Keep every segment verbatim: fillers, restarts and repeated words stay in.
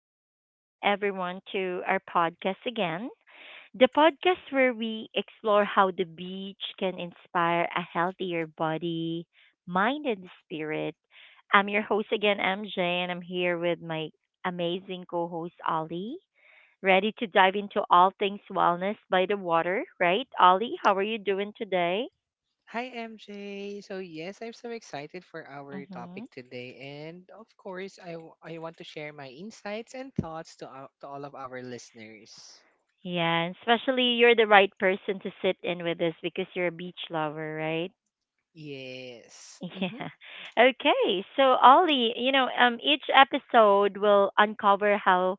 welcome everyone to our podcast again. The podcast where we explore how the beach can inspire a healthier body, mind, and spirit. I'm your host again, M J, and I'm here with my amazing co host, Ollie, ready to dive into all things wellness by the water, right? Ollie, how are you doing today? Hi, M J. So, yes, I'm so excited for our Mm-hmm. topic today. And of course, I, w- I want to share my insights and thoughts to, ou- to all of our listeners. Yeah, and especially you're the right person to sit in with us because you're a beach lover, right? Yes. Hmm. Yeah. Okay. So, Ollie, you know, um, each episode will uncover how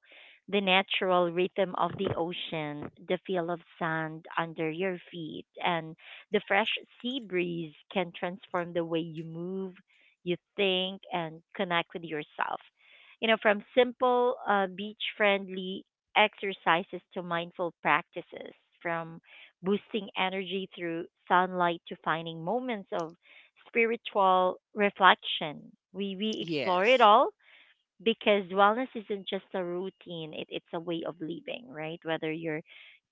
the natural rhythm of the ocean, the feel of sand under your feet, and the fresh sea breeze can transform the way you move, you think, and connect with yourself. You know, from simple uh, beach friendly exercises to mindful practices, from boosting energy through sunlight to finding moments of spiritual reflection. We, we explore it Yes. all because wellness isn't just a routine, it, it's a way of living, right? Whether you're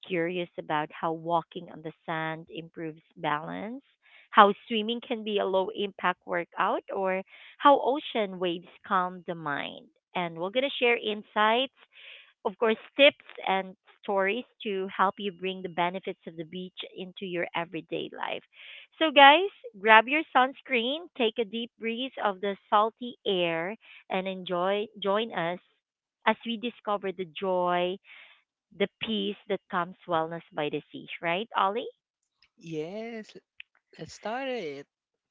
curious about how walking on the sand improves balance, how swimming can be a low impact workout, or how ocean waves calm the mind. And we're going to share insights of course, tips and stories to help you bring the benefits of the beach into your everyday life. So, guys, grab your sunscreen, take a deep breath of the salty air, and enjoy. Join us as we discover the joy, the peace that comes wellness by the sea. Right, Ollie? Yes. Let's start it.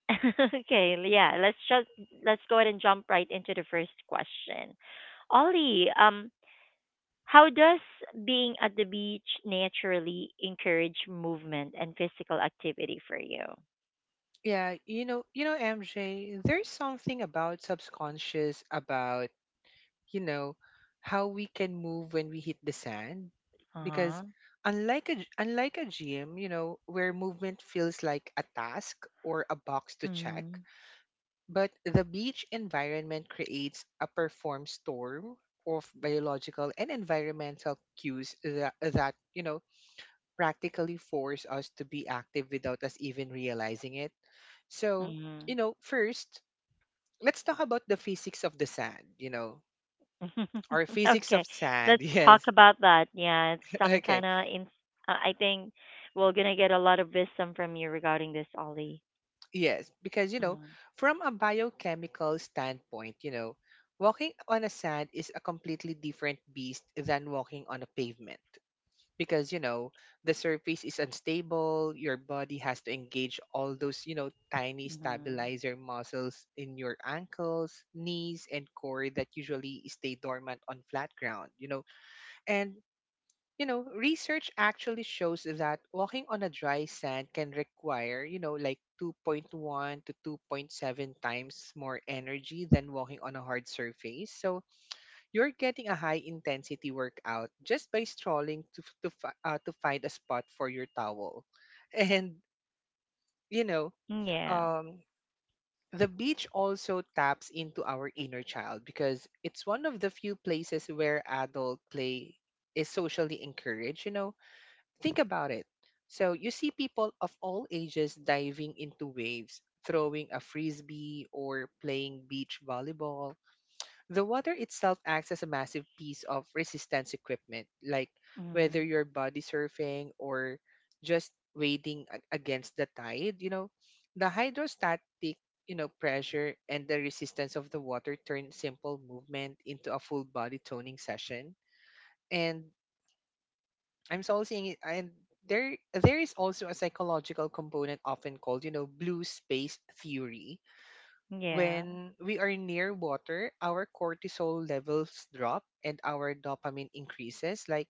Okay, yeah. Let's just let's go ahead and jump right into the first question. Ollie, um, how does being at the beach naturally encourage movement and physical activity for you? Yeah, you know, you know, M J, there's something about subconscious about you know, how we can move when we hit the sand. Because Uh-huh. unlike a, unlike a gym, you know, where movement feels like a task or a box to check, Mm-hmm. but the beach environment creates a perform storm of biological and environmental cues that, that you know practically force us to be active without us even realizing it. So Mm-hmm. you know first, let's talk about the physics of the sand, you know or physics Okay, of sand. let's talk Yes. about that. Yeah, it's some kind Okay. of. In- uh, I think we're gonna get a lot of wisdom from you regarding this, Ollie. Yes. Because, you know, Mm-hmm. from a biochemical standpoint, you know, walking on a sand is a completely different beast than walking on a pavement. Because, you know, the surface is unstable, your body has to engage all those, you know, tiny stabilizer muscles in your ankles, knees, and core that usually stay dormant on flat ground, you know. And you know, research actually shows that walking on a dry sand can require, you know, like two point one to two point seven times more energy than walking on a hard surface. So you're getting a high intensity workout just by strolling to f- to, fi- uh, to find a spot for your towel. And, you know, Yeah. um, the beach also taps into our inner child because it's one of the few places where adult play is socially encouraged, you know. Think about it. So you see people of all ages diving into waves, throwing a frisbee, or playing beach volleyball. The water itself acts as a massive piece of resistance equipment, like whether Mm-hmm. you're body surfing or just wading a- against the tide, you know, the hydrostatic you know pressure and the resistance of the water turn simple movement into a full body toning session. And I'm so seeing it, and there there is also a psychological component often called, you know, blue space theory. Yeah. When we are near water, our cortisol levels drop and our dopamine increases. Like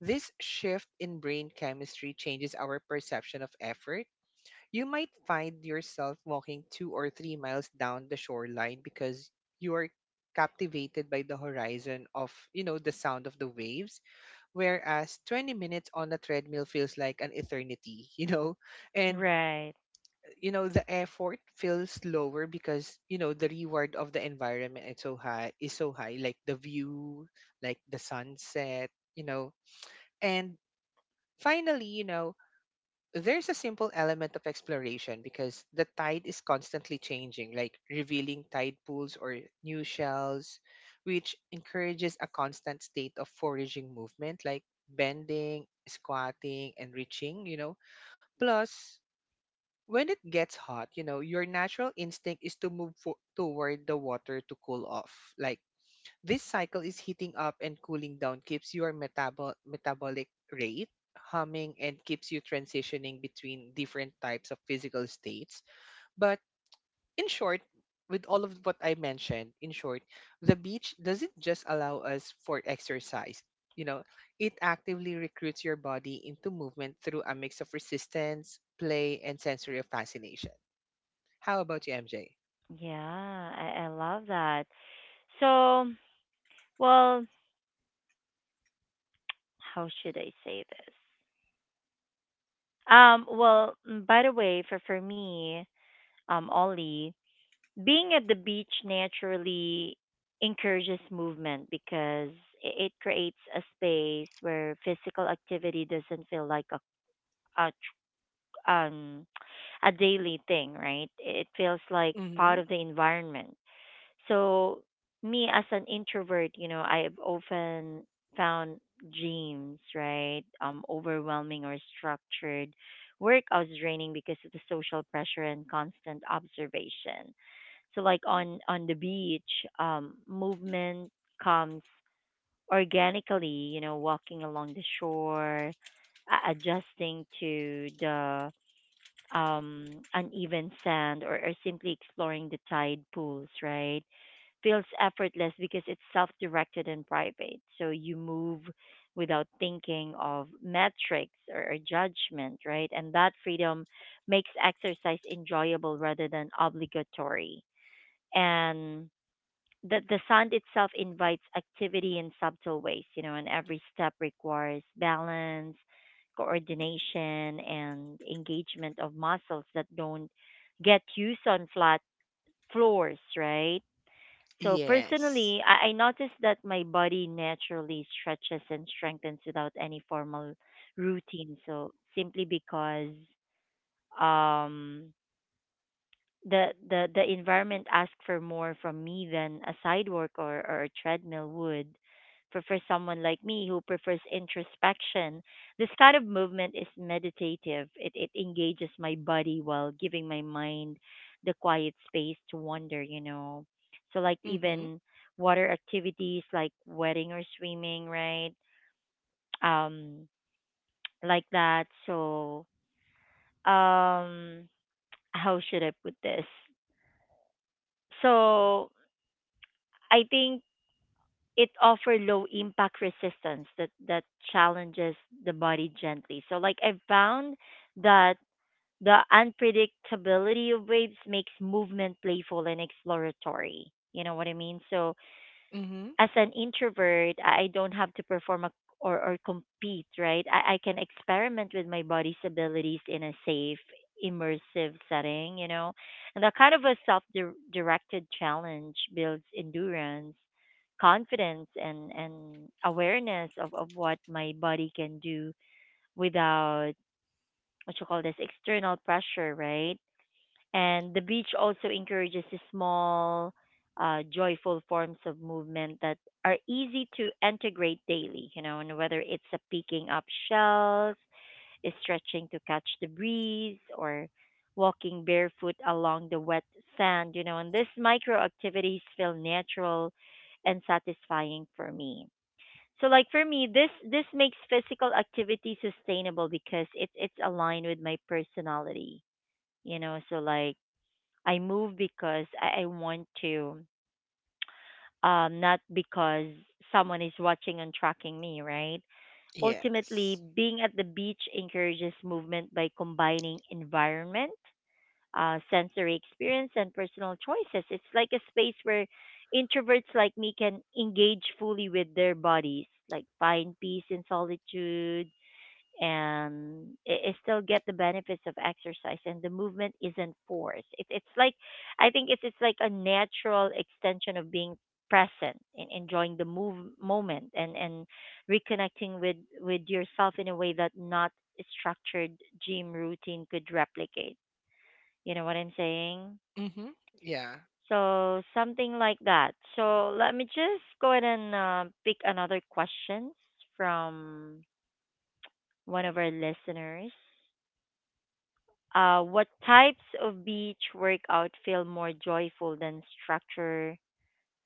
this shift in brain chemistry changes our perception of effort. You might find yourself walking two or three miles down the shoreline because you are captivated by the horizon of, you know, the sound of the waves, whereas twenty minutes on the treadmill feels like an eternity. you know and Right. you know The effort feels lower because you know the reward of the environment is so high, is so high like the view, like the sunset you know and finally, you know there's a simple element of exploration because the tide is constantly changing, like revealing tide pools or new shells, which encourages a constant state of foraging movement, like bending, squatting, and reaching, you know. Plus, when it gets hot, you know, your natural instinct is to move fo- toward the water to cool off. Like this cycle is heating up and cooling down keeps your metabol- metabolic rate humming and keeps you transitioning between different types of physical states. But in short, with all of what I mentioned, in short, the beach doesn't just allow us for exercise. You know, it actively recruits your body into movement through a mix of resistance, play, and sensory of fascination. How about you, M J? Yeah. I-, I love that. So, well, how should I say this? Um, well, mm, by the way, for for me, um, Ollie, being at the beach naturally encourages movement because i- it creates a space where physical activity doesn't feel like a, a tr- um a daily thing, right? It feels like part Mm-hmm. of the environment. So me as an introvert, you know, I've often found gyms, right? Um overwhelming or structured workouts draining because of the social pressure and constant observation. So like on on the beach, um movement comes organically, you know, walking along the shore, a- adjusting to the um uneven sand or, or simply exploring the tide pools, right? Feels effortless because it's self directed and private. So you move without thinking of metrics or, or judgment, right? And that freedom makes exercise enjoyable rather than obligatory. And the, the sound itself invites activity in subtle ways, you know, and every step requires balance, coordination, and engagement of muscles that don't get used on flat floors, right? So Yes. personally, I, I notice that my body naturally stretches and strengthens without any formal routine. So simply because um the the the environment asks for more from me than a side work or, or a treadmill would for for someone like me who prefers introspection. This kind of movement is meditative. It it engages my body while giving my mind the quiet space to wander, you know. So like Mm-hmm. even water activities like wedding or swimming, right? um like that so um how should I put this? So I think it offer low impact resistance that that challenges the body gently. So like I've found that the unpredictability of waves makes movement playful and exploratory. You know what I mean? So Mm-hmm. as an introvert, I don't have to perform a, or, or compete, right? I, I can experiment with my body's abilities in a safe, immersive setting, you know? And that kind of a self directed challenge builds endurance, confidence, and, and awareness of, of what my body can do without what you call this external pressure, right? And the beach also encourages small, uh, joyful forms of movement that are easy to integrate daily, you know, and whether it's a picking up shells, stretching to catch the breeze, or walking barefoot along the wet sand, you know, and these micro activities feel natural and satisfying for me. So like for me, this this makes physical activity sustainable because it's it's aligned with my personality, you know. So like I move because I, I want to, um, not because someone is watching and tracking me, right? Ultimately, Yes. being at the beach encourages movement by combining environment, uh, sensory experience, and personal choices. It's like a space where introverts like me can engage fully with their bodies, like find peace in solitude and it, it still get the benefits of exercise. And the movement isn't forced. It, it's like i think it's it's like a natural extension of being present and enjoying the move moment and and reconnecting with with yourself in a way that not structured gym routine could replicate, you know what I'm saying? Mm-hmm. Yeah. So something like that. So let me just go ahead and uh, pick another questions from one of our listeners. Uh, what types of beach workout feel more joyful than structure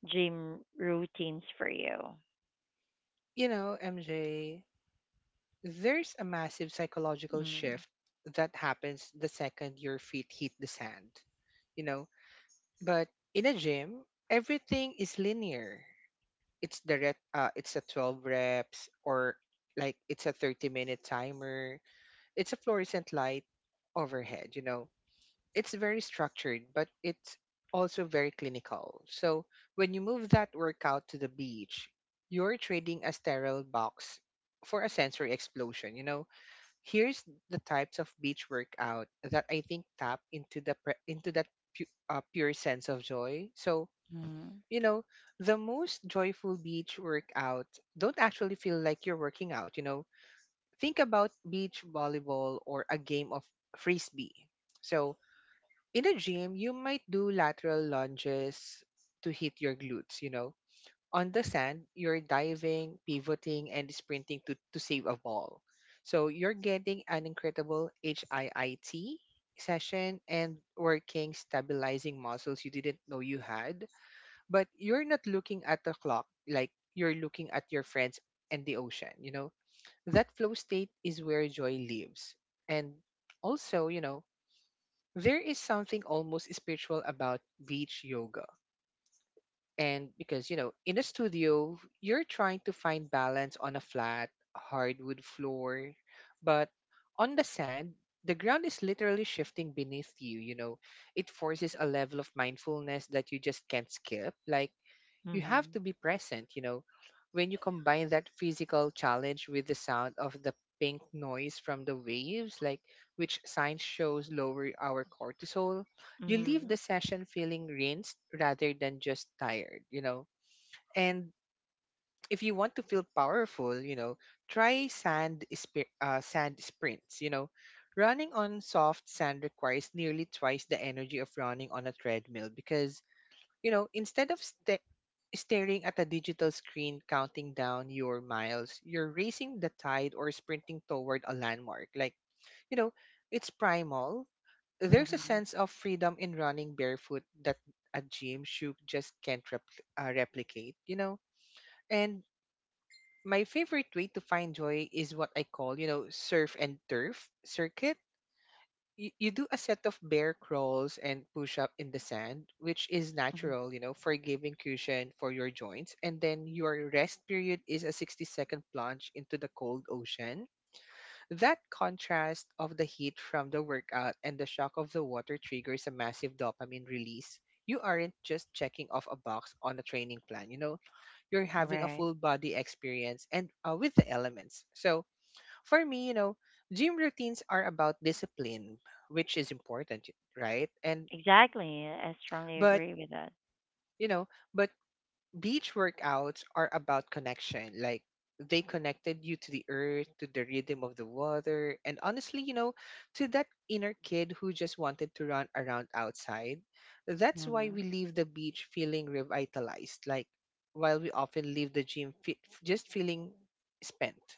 gym routines for you? You know, M J, there's a massive psychological Mm, shift that happens the second your feet hit the sand, you know. But in a gym, everything is linear. It's the ret- uh, it's a twelve reps, or like it's a thirty minute timer. It's a fluorescent light overhead, you know. It's very structured, but it's also very clinical. So when you move that workout to the beach, you're trading a sterile box for a sensory explosion. You know, here's the types of beach workout that I think tap into the pre- into that pu- uh, pure sense of joy. So mm, you know, the most joyful beach workout don't actually feel like you're working out. You know, think about beach volleyball or a game of frisbee. So in a gym, you might do lateral lunges to hit your glutes, you know. On the sand, you're diving, pivoting, and sprinting to, to save a ball. So you're getting an incredible HIIT session and working stabilizing muscles you didn't know you had. But you're not looking at the clock, like you're looking at your friends and the ocean, you know. That flow state is where joy lives. And also, you know, there is something almost spiritual about beach yoga. And because, you know, in a studio, you're trying to find balance on a flat, hardwood floor. But on the sand, the ground is literally shifting beneath you. You know, it forces a level of mindfulness that you just can't skip. Like, you have mm, to be present you know when you combine that physical challenge with the sound of the pink noise from the waves, like which science shows lower our cortisol, you leave the mm, session feeling rinsed rather than just tired you know and if you want to feel powerful, you know try sand spi- uh, sand sprints you know Running on soft sand requires nearly twice the energy of running on a treadmill because, you know, instead of sta staring at a digital screen counting down your miles, you're racing the tide or sprinting toward a landmark. Like, you know, it's primal. There's a mm, sense of freedom in running barefoot that a gym shoe just can't repl- uh, replicate, you know? And my favorite way to find joy is what I call, you know, surf and turf circuit. You, you do a set of bear crawls and push up in the sand, which is mm. natural, you know, for giving cushion for your joints. And then your rest period is a sixty second plunge into the cold ocean. That contrast of the heat from the workout and the shock of the water triggers a massive dopamine release. You aren't just checking off a box on a training plan, you know, you're having a Right. full body experience and uh, with the elements. So, for me, you know, gym routines are about discipline, which is important, y- right? And Exactly. I strongly but agree with that. you know, but beach workouts are about connection. Like they connected you to the earth, to the rhythm of the water, and honestly, you know, to that inner kid who just wanted to run around outside. That's why Mm. we leave the beach feeling revitalized, like while we often leave the gym fe- just feeling spent.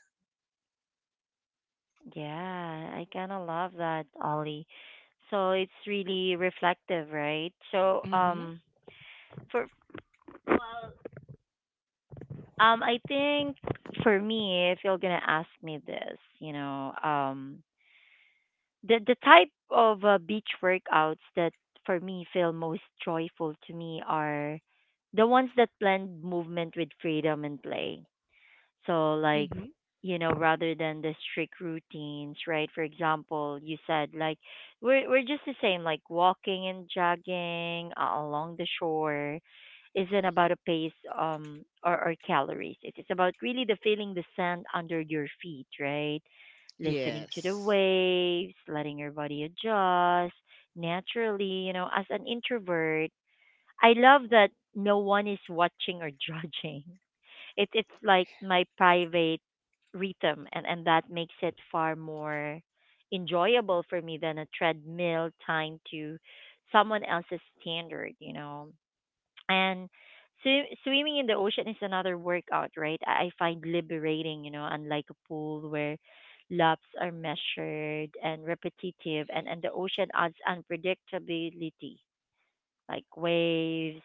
Yeah, I kind of love that, Ollie. So it's really reflective, right? So Mm-hmm. um for um I think for me, if you're gonna ask me this, you know, um the the type of uh, beach workouts that for me feel most joyful to me are the ones that blend movement with freedom and play. So like, Mm-hmm. you know, rather than the strict routines, right? For example, you said like we're we're just the same, like walking and jogging uh, along the shore isn't about a pace um or, or calories. It is about really the feeling the sand under your feet, right? Listening to the Yes. waves, letting your body adjust naturally, you know, as an introvert. I love that no one is watching or judging. It it's like my private rhythm, and and that makes it far more enjoyable for me than a treadmill tying to someone else's standard, you know. And sw- swimming in the ocean is another workout, right? i I find liberating, you know, unlike a pool where laps are measured and repetitive. and and the ocean adds unpredictability like waves,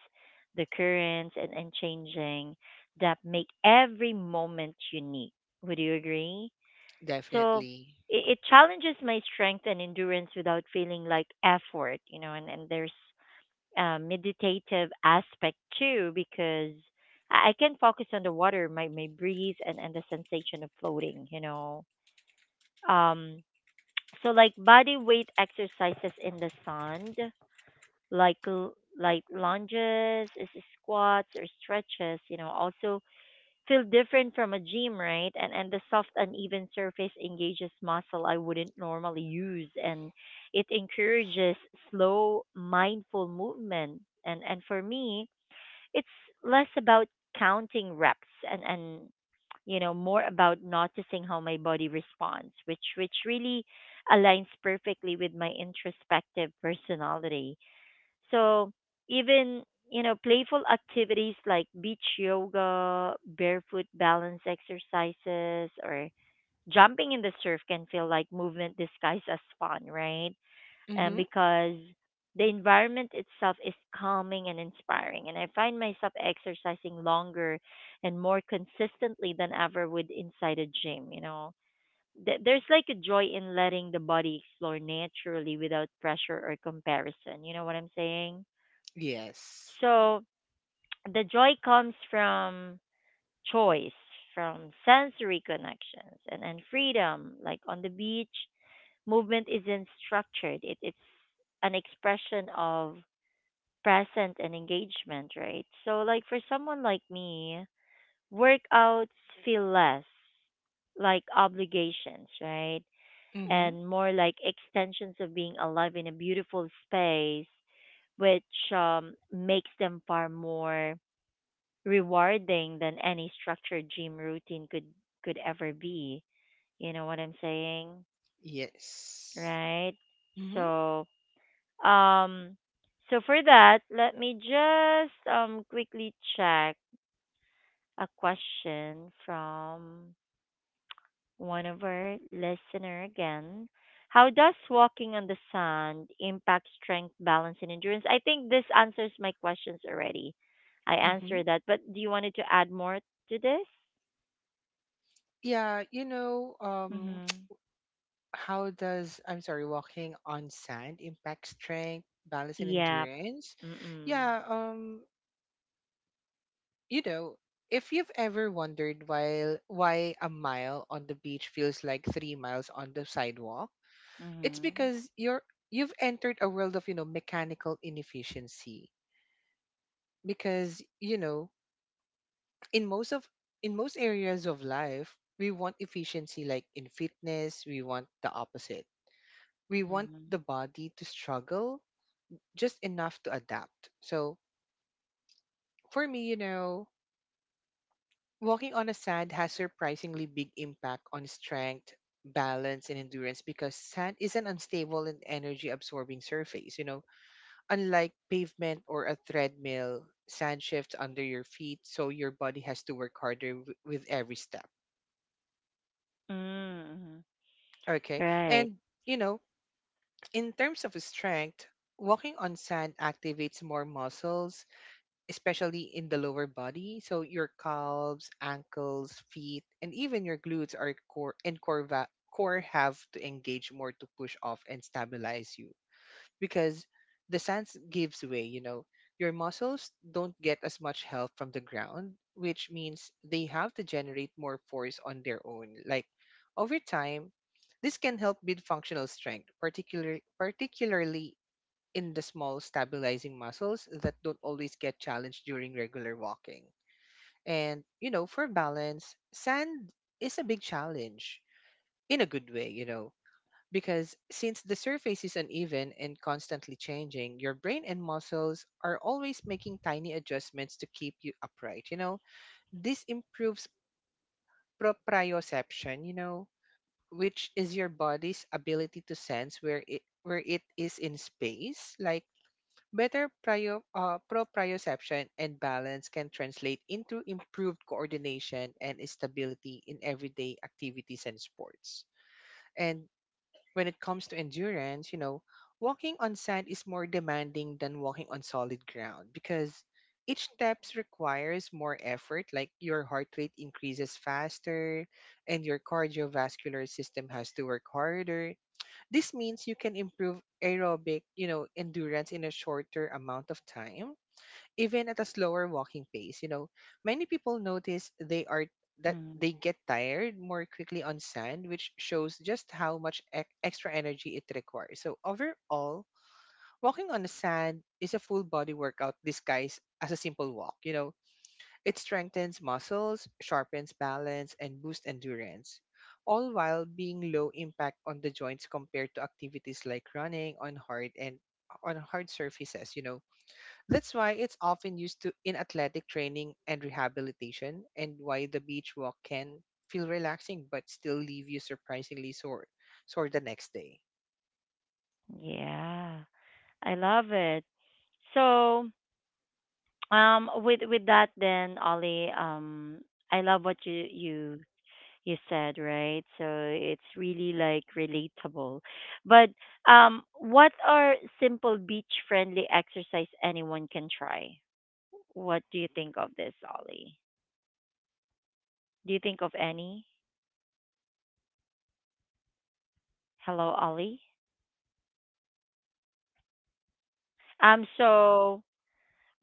the currents, and, and changing that make every moment unique. Would you agree? So Definitely. it, it challenges my strength and endurance without feeling like effort, you know, and, and there's a meditative aspect too because I I can focus on the water, my, my breeze, and, and the sensation of floating, you know. Um, so like body weight exercises in the sand like l- like lunges, is squats or stretches, you know, also feel different from a gym, right? And and the soft uneven surface engages muscle I wouldn't normally use, and it encourages slow mindful movement. And and for me, it's less about counting reps and and you know more about noticing how my body responds, which which really aligns perfectly with my introspective personality. So even you know playful activities like beach yoga, barefoot balance exercises, or jumping in the surf can feel like movement disguised as fun, right? And Mm-hmm. because the environment itself is calming and inspiring, and I find myself exercising longer and more consistently than ever would inside a gym. You know, Th- there's like a joy in letting the body explore naturally without pressure or comparison. You know what I'm saying? Yes. So the joy comes from choice, from sensory connections and, and freedom. Like on the beach, movement isn't structured. It, it's an expression of present and engagement, right? So like for someone like me, workouts feel less like obligations, right? Mm-hmm. And more like extensions of being alive in a beautiful space, which um, makes them far more rewarding than any structured gym routine could could ever be. You know what I'm saying? Yes. Right? Mm-hmm. So, um so for that, let me just um quickly check a question from one of our listener again. How does walking on the sand impact strength, balance, and endurance? I think this answers my questions already. I Mm-hmm. answered that, but do you wanted to add more to this? Yeah, you know, um, Mm-hmm. how does I'm sorry, walking on sand impact strength, balance, and Yep. endurance? Mm-mm. Yeah, um, you know, if you've ever wondered why why a mile on the beach feels like three miles on the sidewalk, it's Mhm. because you're you've entered a world of you know mechanical inefficiency. Because you know in most of in most areas of life we want efficiency, like in fitness we want the opposite. We want the Mhm. body to struggle just enough to adapt. So for me you know Mhm. Right. Mhm. Yeah, I love it. So, um, with with that then, Ollie, um, I love what you you you said, right? So it's really like relatable. But um, what are simple beach-friendly exercise anyone can try? What do you think of this, Ollie? Do you think of any? Hello, Ollie. Um, so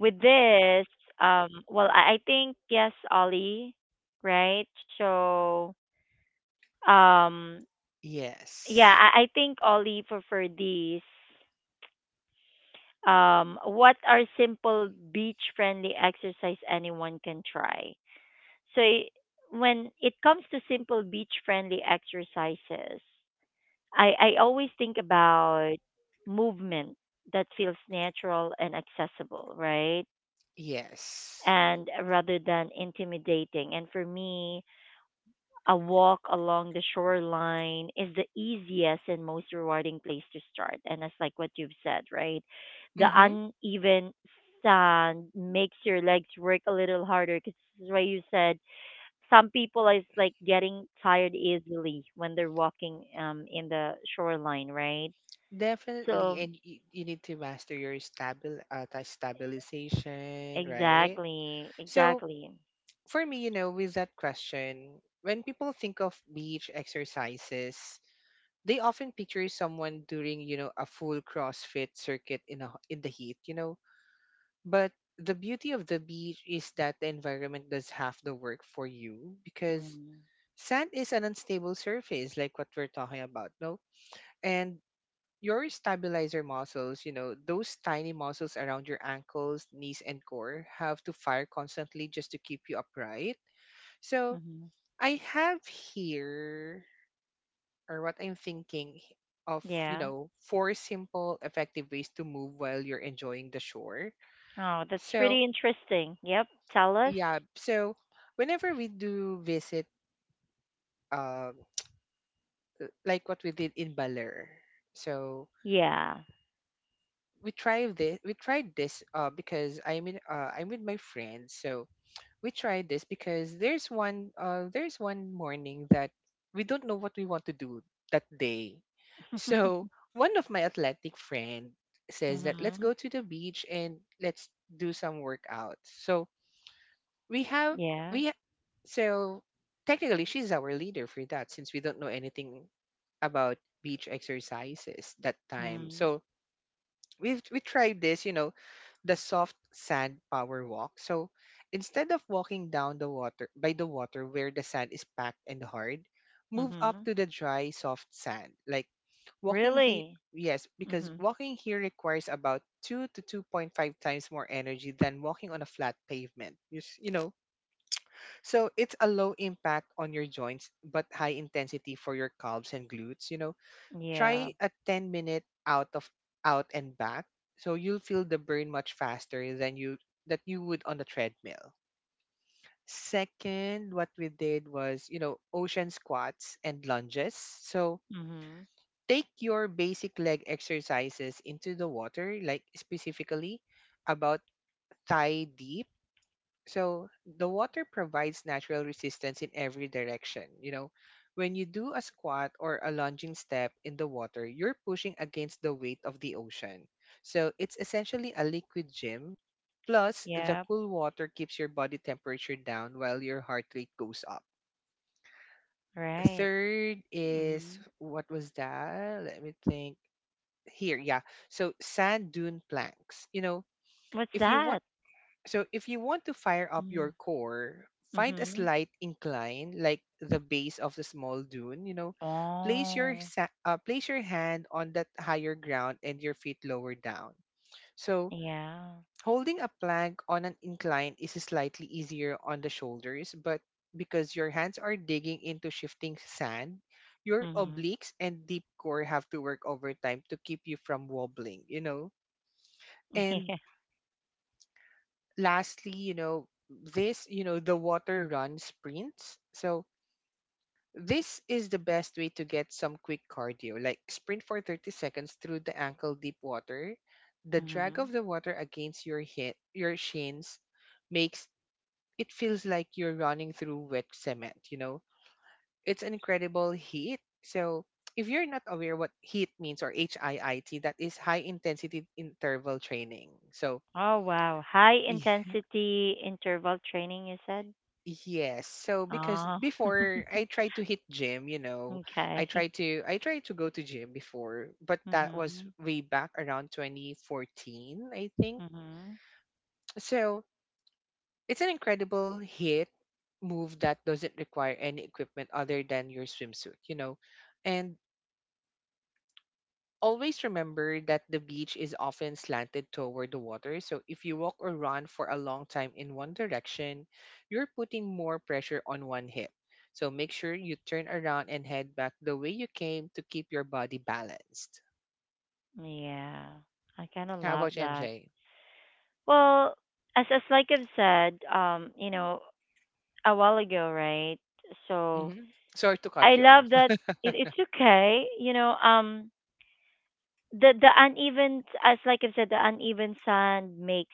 with this, um, well, I, I think yes, Ollie, right? So, um, yeah, Yes. I, I think Ollie for for these, um, what are simple beach-friendly exercise anyone can try? So i- when it comes to simple beach-friendly exercises, I I always think about movement that feels natural and accessible, right? Yes. And rather than intimidating. And for me, a walk along the shoreline is the easiest and most rewarding place to start. And that's like what you've said, right? The Mm-hmm. uneven sand makes your legs work a little harder because this is why you said some people is like getting tired easily when they're walking um in the shoreline, right? Definitely. So And you, you need to master your stabil uh, ta- stabilization, right? exactly, So exactly. for me, you know, with that question, when people think of beach exercises, they often picture someone doing, you know, a full CrossFit circuit in a, in the heat, you know. But the beauty of the beach is that the environment does half the work for you because Mm-hmm. sand is an unstable surface, like what we're talking about, no? and your stabilizer muscles, you know, those tiny muscles around your ankles, knees, and core have to fire constantly just to keep you upright. So Mm-hmm. I have here, or what I'm thinking h- of, you Yeah. know, four simple, effective ways to move while you're enjoying the shore. Oh, that's So, pretty interesting. Yep. Tell us. yeah, so whenever we do visit, uh, like what we did in Baler, so Yeah. we tried this we tried this uh because I'm in uh I'm with my friends, so we tried this because there's one uh there's one morning that we don't know what we want to do that day. So one of my athletic friend says that let's Mm-hmm. go to the beach and let's do some workouts. So we have Yeah. we ha- so technically she's our leader for that since we don't know anything about beach exercises that time. Mm-hmm. So we've we tried this, you know, the soft sand power walk. So instead of walking down the water by the water where the sand is packed and hard, move up Mm-hmm. to the dry soft sand. Like walking here, Really? yes, because Mm-hmm. walking here requires about two to two point five times more energy than walking on a flat pavement. You, s- you know. So it's a low impact on your joints but high intensity for your calves and glutes. You know Yeah. try a ten minute out of out and back, so you'll feel the burn much faster than you that you would on the treadmill. Second, what we did was you know ocean squats and lunges. So Mm-hmm. take your basic leg exercises into the water, like specifically about thigh deep, so the water provides natural resistance in every direction. You know, when you do a squat or a lunging step in the water, you're pushing against the weight of the ocean. So it's essentially a liquid gym. Plus, the Yep. cool water keeps your body temperature down while your heart rate goes up. Right. Third is, Mm-hmm. what was that? Let me think. Here, yeah. So sand dune planks. You know, What's if you want that? so if you want to fire up your Mm-hmm. core, find a Mm-hmm. slight incline, like the base of the small dune. You know, place your Oh, sa- uh, place your hand on that higher ground and your feet lower down. So yeah. holding a plank on an incline is slightly easier on the shoulders, but because your hands are digging into shifting sand, your Mm-hmm. obliques and deep core have to work overtime to keep you from wobbling. You know. And Yeah. lastly, you know, this, you know, the water run sprints. So this is the best way to get some quick cardio, like sprint for thirty seconds through the ankle deep water. The drag Mm-hmm. of the water against your hip, your shins makes it feels like you're running through wet cement, you know. It's an incredible heat. So if you're not aware what heat means, or HIIT, that is high intensity interval training. So Oh, wow. High intensity interval training, you said? yes. So, because Oh, before I tried to hit gym, you know, I okay. tried to I tried to go to gym before, but that was Mm-hmm. way back around twenty fourteen, I think. Mm-hmm. So it's an incredible hit move that doesn't require any equipment other than your swimsuit, you know. And always remember that the beach is often slanted toward the water, so if you walk or run for a long time in one direction, you're putting more pressure on one hip. So make sure you turn around and head back the way you came to keep your body balanced. Yeah, I kind of How love about you, that. M J? Well, as as like I've said, um, you know, a while ago, right? So hmm Sorry to I cut you off. love that it, it's okay, you know, um, the the uneven, as like I've said, the uneven sand makes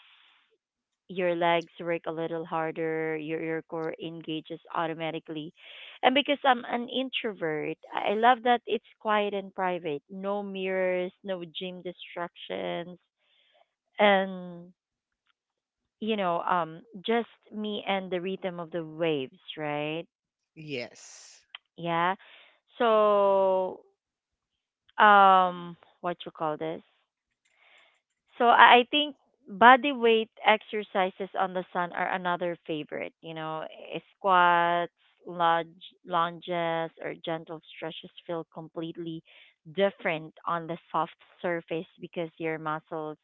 your legs work a little harder, your your core engages automatically. And because I'm an introvert, I I love that it's quiet and private. No mirrors, no gym distractions. And you know, um, just me and the rhythm of the waves, right? Yes. Yeah. So, um, what you call this? So I I think body weight exercises on the sun are another favorite. You know, eh, squats, lunge, lunges, or gentle stretches feel completely different on the soft surface because your muscles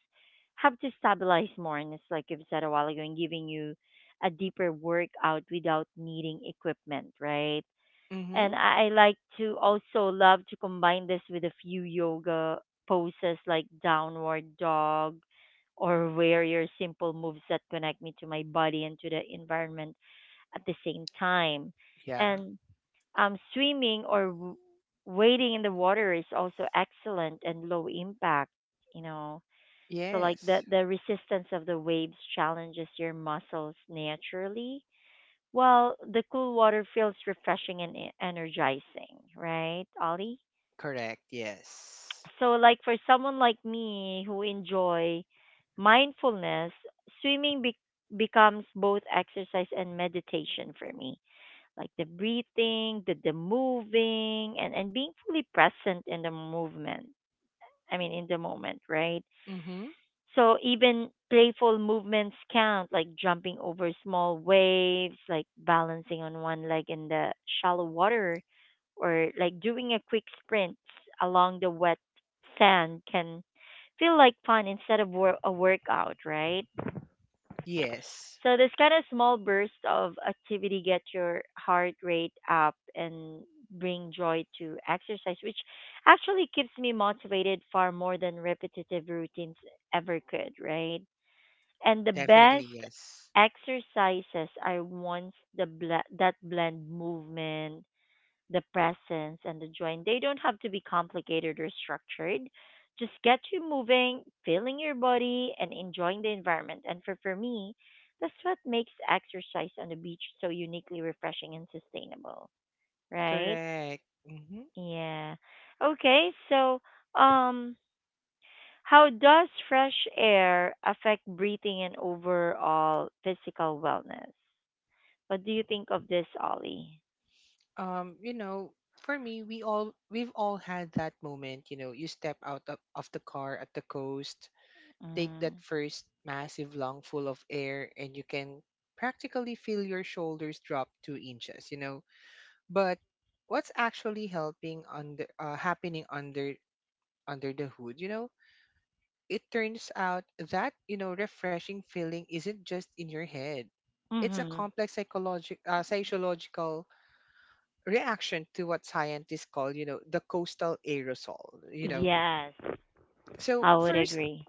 have to stabilize more. And it's like you've said a while ago, and giving you a deeper workout without needing equipment, right? Mm-hmm. And I I like to also love to combine this with a few yoga poses like downward dog or warrior simple moves that connect me to my body and to the environment at the same time. Yeah. And um, swimming or w- wading in the water is also excellent and low impact, you know. So like the Yes. the resistance of the waves challenges your muscles naturally well, the cool water feels refreshing and e- energizing, right, Ollie? Correct. Yes. So, like for someone like me who enjoy mindfulness, swimming be- becomes both exercise and meditation for me. Like the breathing, the, the moving, and, and being fully present in the movement. I mean, in the moment, right? Mm-hmm. So even playful movements count, like jumping over small waves, like balancing on one leg in the shallow water, or like doing a quick sprint along the wet sand can feel like fun instead of wor- a workout, right? Yes. So this kind of small burst of activity get your heart rate up and bring joy to exercise, which actually keeps me motivated far more than repetitive routines ever could, right? And the Definitely best yes. exercises are ones the ble- that blend movement, the presence, and the joint. They don't have to be complicated or structured. Just get you moving, feeling your body, and enjoying the environment. And for, for me, that's what makes exercise on the beach so uniquely refreshing and sustainable, right? Correct. Mm-hmm. Yeah. Okay, so um how does fresh air affect breathing and overall physical wellness? What do you think of this, Ollie? um, you know, for me, we all we've all had that moment. You know, you step out of, of the car at the coast, take that Mm. first massive lung full of air, and you can practically feel your shoulders drop two inches. You know, but what's actually helping under uh, happening under under the hood? You know, it turns out that you know refreshing feeling isn't just in your head. It's a Mhm. complex psychological uh, psychological reaction to what scientists call, you know, the coastal aerosol, you know. Yes, So, I would first, agree.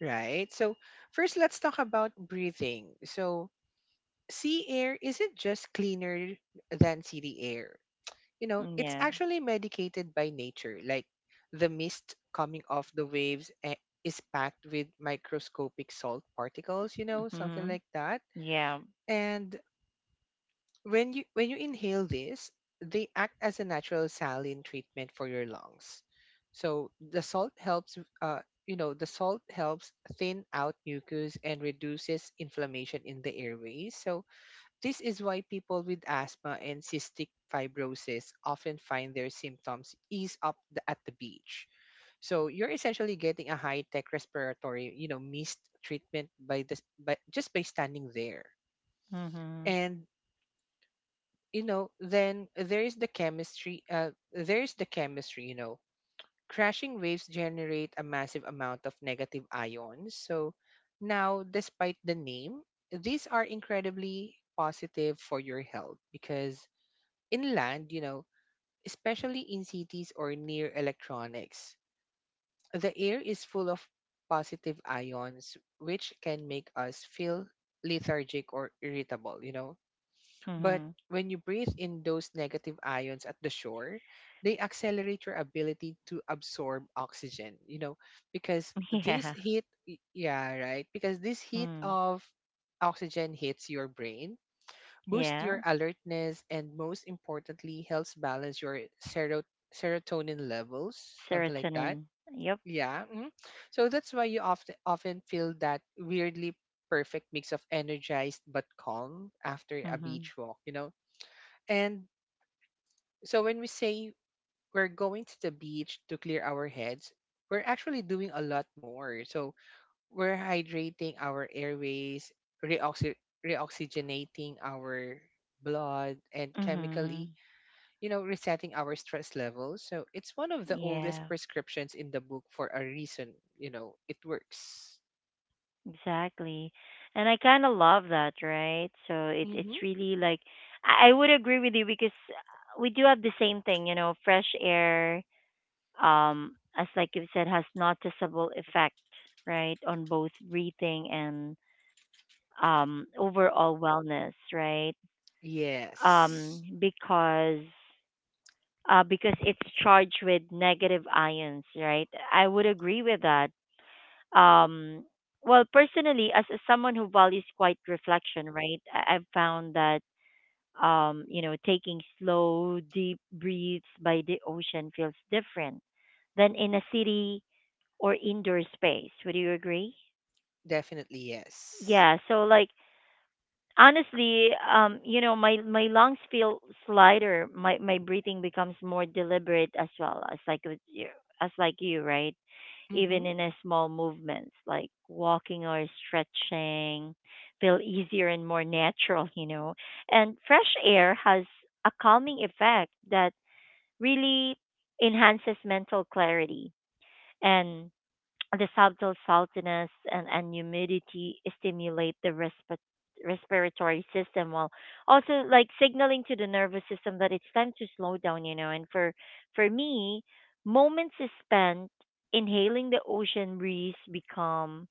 right? So, first, let's talk about breathing. So, sea air isn't just cleaner than city air. You know, it's Yeah. actually medicated by nature. Like the mist coming off the waves eh, is packed with microscopic salt particles, you know, something Mhm. like that. Yeah. And when you when you inhale this, they act as a natural saline treatment for your lungs. So the salt helps uh you know, the salt helps thin out mucus and reduces inflammation in the airways. So this is why people with asthma and cystic fibrosis often find their symptoms ease up the, at the beach. So you're essentially getting a high-tech respiratory, you know, mist treatment by this by just by standing there. Mhm. And you know, then there is the chemistry. Uh, there is the chemistry. You know, crashing waves generate a massive amount of negative ions. So now, despite the name, these are incredibly positive for your health because inland, you know, especially in cities or near electronics, the air is full of positive ions, which can make us feel lethargic or irritable. You know, but Mhm. when you breathe in those negative ions at the shore, they accelerate your ability to absorb oxygen, you know, because this Yeah. heat, y- yeah, right, because this heat Mm. of oxygen hits your brain, boosts your Yeah. alertness, and most importantly, helps balance your sero- serotonin levels, something like that. Serotonin. Yep. Yeah. Mhm. So that's why you often often feel that weirdly perfect mix of energized but calm after a Mhm. beach walk, you know, and so when we say we're going to the beach to clear our heads, we're actually doing a lot more. So we're hydrating our airways, reoxy- reoxygenating our blood, and chemically, Mhm. you know, resetting our stress levels. So it's one of the oldest Yeah. prescriptions in the book for a reason. You know, it works. Exactly. And I kind of love that, right? So it's Mm-hmm. it's really like I I would agree with you because uh, we do have the same thing, you know, fresh air um as like you said has noticeable effect, right, on both breathing and um overall wellness, right? Um Yes. because uh because it's charged with negative ions, right? I would agree with that. Um well personally as, as someone who values quiet reflection, right, I, I've found that um you know taking slow deep breaths by the ocean feels different than in a city or indoor space, would you agree? Definitely yes. Yeah, so like honestly, um, you know, my my lungs feel slighter. My my breathing becomes more deliberate as well as like with you, as like you, right? Even Mm-hmm. in a small movements like walking or stretching, feel easier and more natural, you know. And fresh air has a calming effect that really enhances mental clarity and the subtle saltiness and, and humidity stimulate the respi- respiratory system while also like signaling to the nervous system that it's time to slow down, you know. And for for me, moments spent inhaling the ocean breeze become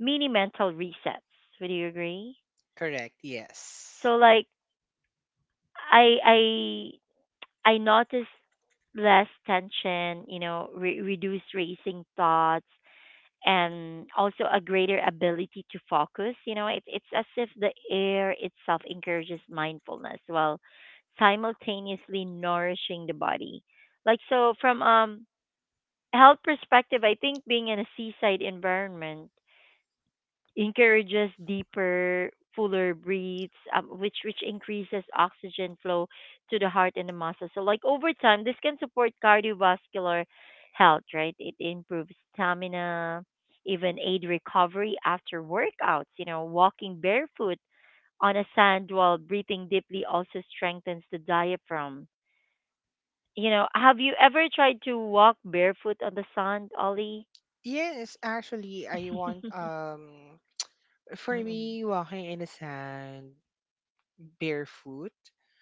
mini mental resets. Would you agree? Correct. Yes. So like I I I noticed less tension, you know, re- reduced racing thoughts and also a greater ability to focus. You know, it's it's as if the air itself encourages mindfulness while simultaneously nourishing the body. Like so, from um health perspective, I think being in a seaside environment encourages deeper, fuller breaths, um, which which increases oxygen flow to the heart and the muscles. So, like over time, this can support cardiovascular health, right? It improves stamina, even aid recovery after workouts. You know, walking barefoot on a sand while breathing deeply also strengthens the diaphragm. You know, have you ever tried to walk barefoot on the sand, Ollie? Yes, actually, I want um for Mm-mm. me walking in the sand barefoot,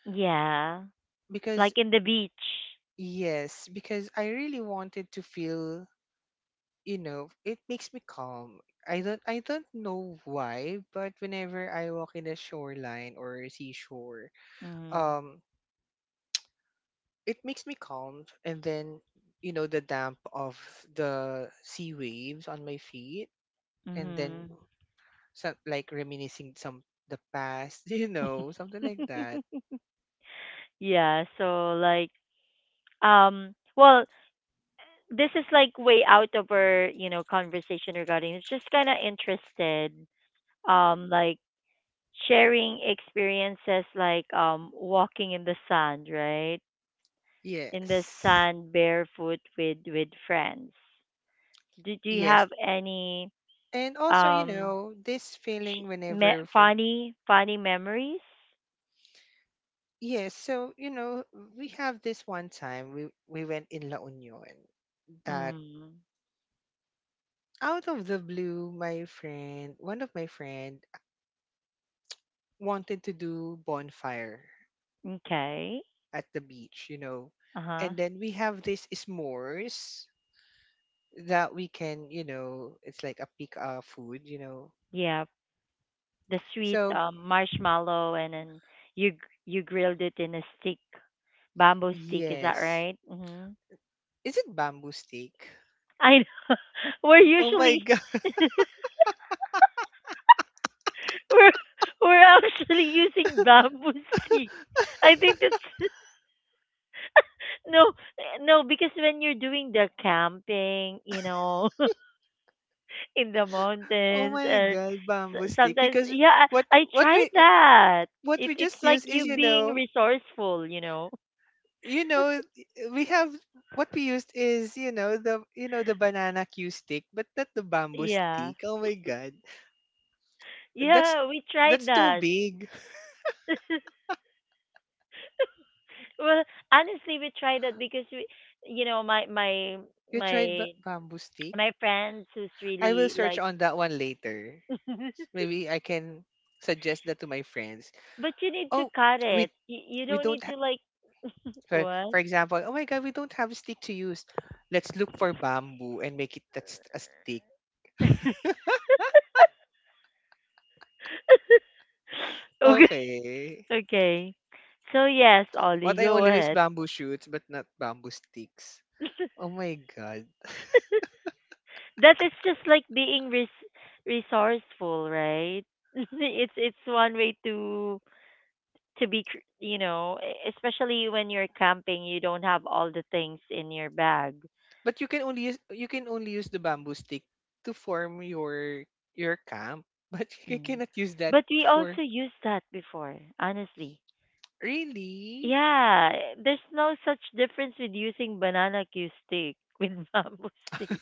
Yeah, because like in the beach. yes, because I really wanted to feel, you know, it makes me calm. I don't I don't know why, but whenever I walk in the shoreline or seashore, Mhm. um it makes me calm, and then you know the damp of the sea waves on my feet, and then Mhm. some, like reminiscing some the past, you know, something like that. Yeah, so like um well, this is like way out of our, you know, conversation regarding it's just kind of interested um like sharing experiences like um walking in the sand, right? In the Yes. sand barefoot with with friends. Do do you Yes. have any And also, you um know, this feeling sh- me- whenever for funny funny memories? yes, so you know, we have this one time we we went in La Union that, Mm. out of the blue, my friend, one of my friend wanted to do bonfire Okay. at the beach, you know. Uh-huh. And then we have this s'mores that we can, you know, it's like a pick uh, food, you know. Yeah, the sweet So um, marshmallow, and then you gr- you grilled it in a stick, bamboo stick. Is that yes. right? hmm Is it bamboo steak? I know. We're Oh my usually god. we're we're actually using bamboo stick. I think that's no no because when you're doing the camping, you know, in the Oh mountains my or god, s- bamboo stick. sometimes Because yeah, what I, I what tried we that. what It we it's just like use is, you you being know, resourceful, you know. you know we have what we used is, you know, the you know the banana cue stick, but not the bamboo Yeah. stick. Oh my god. That's Yeah, we tried that's too that. big. Well, honestly, we tried that because we, you know, my my You tried ba- my bamboo stick? my friends who's I will really search like, on that one later. but Maybe I can suggest that to my friends. you need to Oh, cut we it. You, you we don't don't need to like so, what? for example, oh my God, we don't have a stick to use. Let's look for bamboo and make it that's a stick. Okay. Okay. Okay. So yes, Ollie, What I go only know is ahead. bamboo shoots, but not bamboo sticks. Oh my God. That is just like being res- resourceful, right? It's it's one way to to be cr- you know, e- especially when you're camping you don't have all the things in your bag. But you can only use you can only use the bamboo stick to form your your camp, but you Mm. cannot use that But we for also used that before, honestly. really. Yeah, there's no such difference with using banana cue stick with bamboo stick.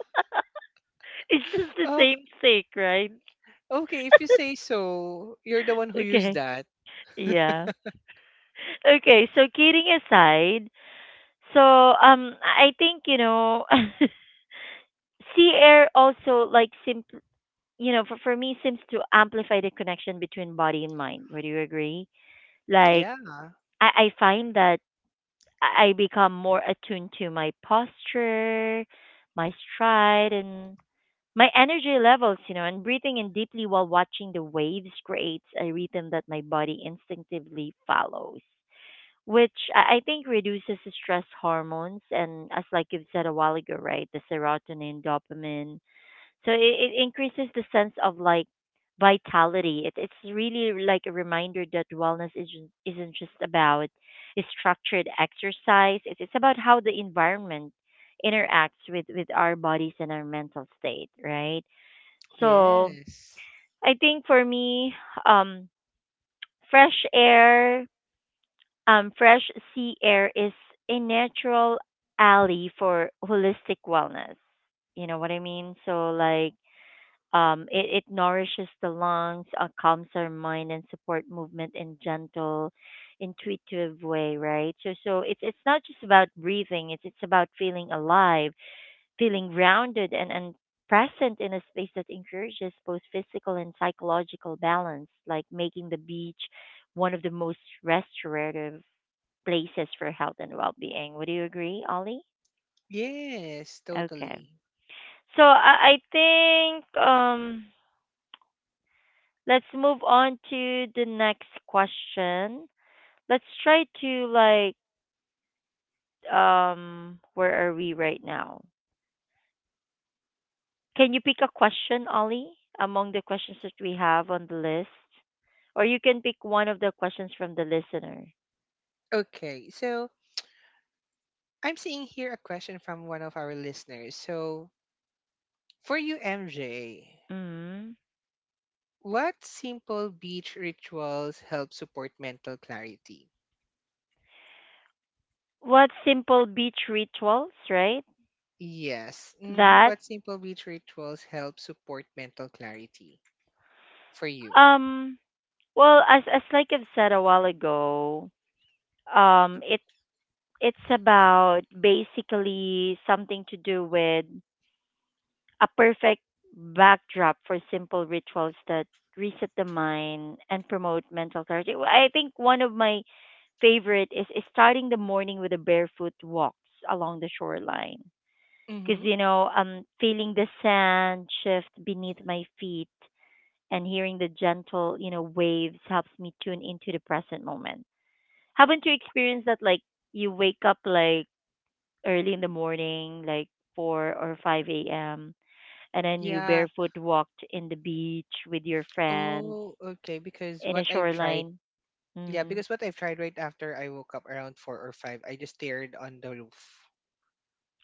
It's just the Oh, same stick, right? okay. If you say so, you're the one who used Okay. that. Yeah. Okay, so kidding aside, so um I think, you know, sea air also like simp you know, for, for me, seems to amplify the connection between body and mind. Would you agree? Like, Yeah. I, I find that I I become more attuned to my posture, my stride, and my energy levels, you know, and breathing in deeply while watching the waves creates a rhythm that my body instinctively follows, which I I think reduces the stress hormones. And as, like you've said a while ago, right, the serotonin, dopamine, so it, it increases the sense of like vitality. It, it's really like a reminder that wellness isn't, isn't just about structured exercise. It's, it's about how the environment interacts with, with our bodies and our mental state, right? So Yes. I think for me, um, fresh air, um, fresh sea air is a natural ally for holistic wellness. You know what I mean? So like um, it, it nourishes the lungs, uh, calms our mind, and support movement in gentle, intuitive way, right? So, so it's it's not just about breathing. It's it's about feeling alive, feeling grounded, and and present in a space that encourages both physical and psychological balance, like making the beach one of the most restorative places for health and well-being. Would you agree, Ollie? Yes, Okay. totally. So I, I think um let's move on to the next question. Let's try to like um where are we right now? Can you pick a question, Ollie, among the questions that we have on the list? Or you can pick one of the questions from the listener. Okay, so I'm seeing here a question from one of our listeners. So, for you, M J, hmm what simple beach rituals help support mental clarity? What simple beach rituals, right? Yes. hmm That What simple beach rituals help support mental clarity for you? um well as as like I've said a while ago, um it it's about basically something to do with a perfect backdrop for simple rituals that reset the mind and promote mental clarity. Well, I think one of my favorite is, is starting the morning with a barefoot walks along the shoreline. Because, Mm-hmm. you know, um, feeling the sand shift beneath my feet and hearing the gentle, you know, waves helps me tune into the present moment. Haven't you experienced that, like, you wake up, like, early in the morning, like four or five a m, and then you Yeah. barefoot walked in the beach with your friends Oh, okay. Because in what a I've tried, shoreline. yeah, Mm, because what I've tried right after I woke up around four or five, I just stared on the roof,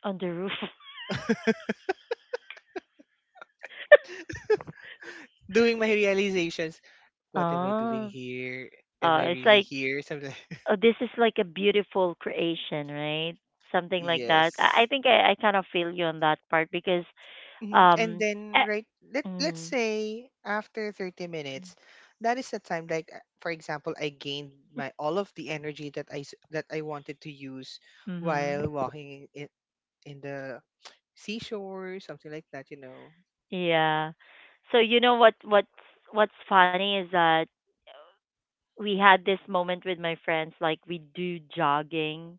on the roof. doing my realizations. What am I doing Oh, here? Am uh, I it's really like here? Something. Like oh, this is like a beautiful creation, right? Something like that. I, I yes. think I, I kind of feel you on that part because Mhm. And um, then eh, right, let let's mhm, say after thirty minutes, that is the time like, uh, for example, I gained my all of the energy that I s- that I wanted to use mhm, while walking in in the seashore, something like that, you know. yeah. So you know what what's what's funny is that we had this moment with my friends like we do jogging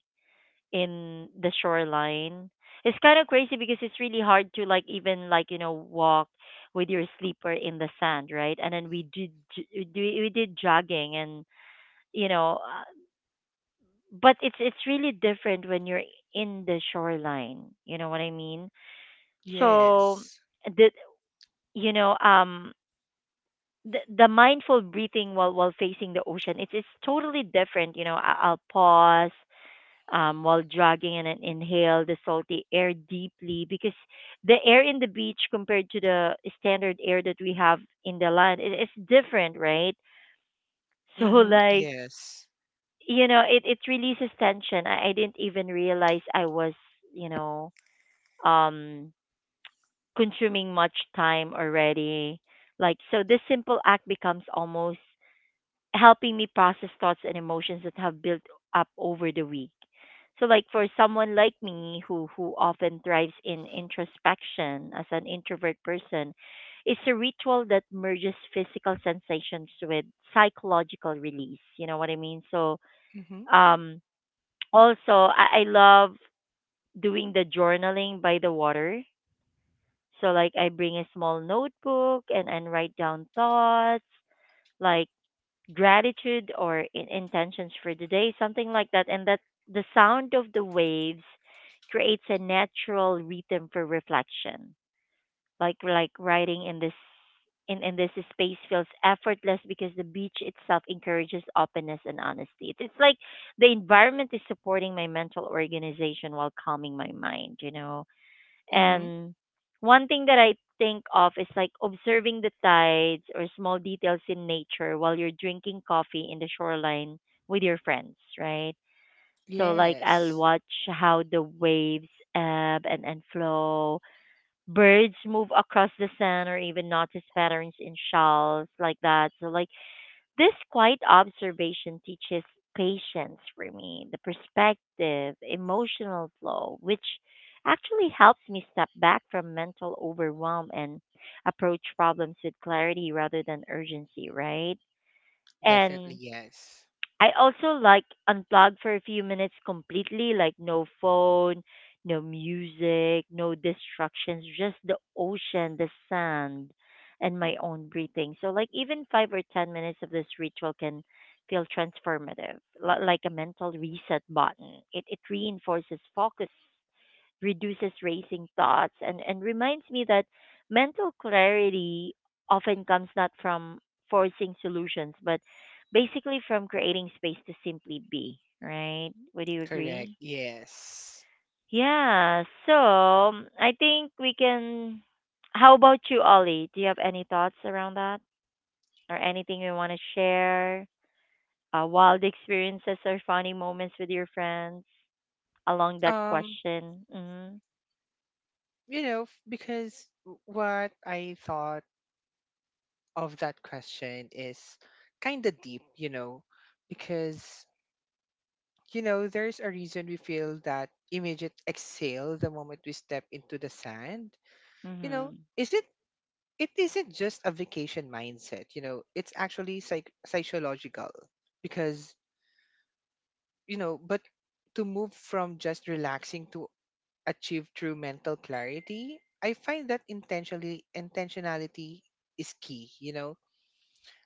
in the shoreline. It's kind of crazy because it's really hard to like even like you know walk with your sleeper in the sand, right? And then we did j- we do- we did jogging and you know, uh, but it's it's really different when you're in the shoreline. You know what I mean? So Yes. the you know um the, the mindful breathing while while facing the ocean, it's it's totally different, you know. I, I'll pause um, while jogging and then inhale the salty air deeply, because the air in the beach compared to the standard air that we have in the land, it, it's different, right? So Mhm. like Yes. you know it, it releases tension. I, I didn't even realize I was you know um consuming much time already. Like so this simple act becomes almost helping me process thoughts and emotions that have built up over the week. So like for someone like me who who often thrives in introspection as an introvert person, it's a ritual that merges physical sensations with psychological release. You know what I mean? So Mhm. um also I, I love doing the journaling by the water. So like I bring a small notebook and, and write down thoughts, like gratitude or in- intentions for the day, something like that. And that the sound of the waves creates a natural rhythm for reflection. Like like writing in this in, in this space feels effortless because the beach itself encourages openness and honesty. It's, it's like the environment is supporting my mental organization while calming my mind, you know. Mhm. And one thing that I think of is like observing the tides or small details in nature while you're drinking coffee in the shoreline with your friends, right? So like I'll Yes. watch how the waves ebb and, and flow. Birds move across the sand or even notice patterns in shells like that. So like this quiet observation teaches patience for me, the perspective, emotional flow, which actually helps me step back from mental overwhelm and approach problems with clarity rather than urgency, right? Definitely And yes. I also like unplug for a few minutes completely, like no phone, no music, no distractions, just the ocean, the sand, and my own breathing. So like even five or ten minutes of this ritual can feel transformative, li- like a mental reset button. It it reinforces focus, reduces racing thoughts, and, and reminds me that mental clarity often comes not from forcing solutions, but basically from creating space to simply be, right? Would you Correct. agree? Yes. Yeah, so um, I think we can. How about you, Ollie? Do you have any thoughts around that or anything you want to share? Uh, wild experiences or funny moments with your friends along that Um question? Mm-hmm. you know f- because w- what I thought of that question is kind of deep, you know. Because, you know, there's a reason we feel that immediate exhale the moment we step into the sand. You know, Mm-hmm. is it? It isn't just a vacation mindset, you know, it's actually psych- psychological. because, you know, but to move from just relaxing to achieve true mental clarity, I find that intentionally intentionality is key, you know,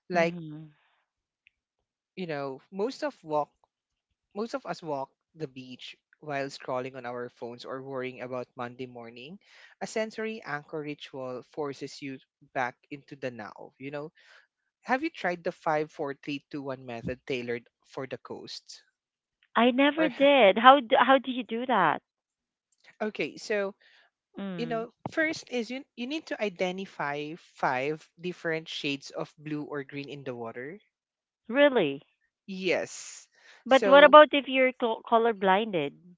like, Mm-hmm. you know most of walk most of us walk the beach while scrolling on our phones or worrying about Monday morning. A sensory anchor ritual forces you back into the now. You know, have you tried the five four three two one method tailored for the coast? I never Or ha- did. How do, how do you do that? okay, so you Mm, know, first is, you, you need to identify five different shades of blue or green in the water. really? Yes. But what So, about if you're col- color blinded?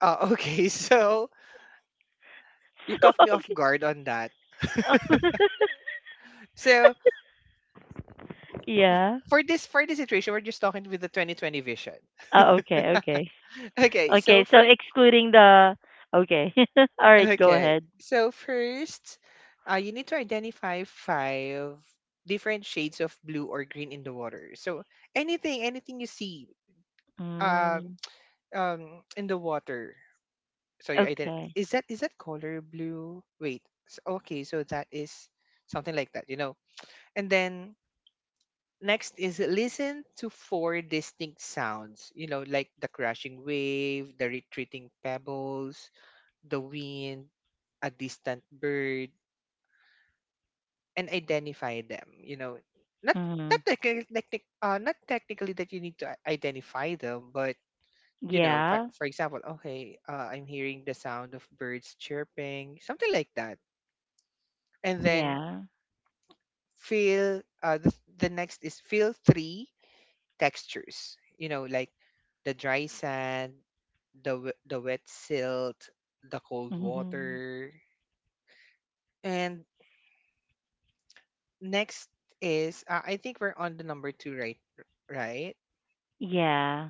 uh, okay, so you caught me So off guard on that. okay. So, Yeah. for this for this situation, we're just talking with the twenty twenty vision. Oh, okay, okay. Okay, so Okay, so for excluding the okay. All right, go okay, ahead. so first, uh, you need to identify five different shades of blue or green in the water. So anything, anything you see, um, Mm, um, in the water. So you ident- okay. is that is that color blue? Wait, s- okay, so that is something like that, you know. And then next is, listen to four distinct sounds, you know, like the crashing wave, the retreating pebbles, the wind, a distant bird, and identify them. You know, not not Mm, technically, like, like, uh, not technically that you need to i- identify them, but you know, for, yeah. for example, okay, uh, I'm hearing the sound of birds chirping, something like that. And then Yeah. feel uh, the, the next is feel three textures. You know, like the dry sand, the w- the wet silt, the cold Hmm. water. And next is uh, I think we're on the number two, right right? Yeah.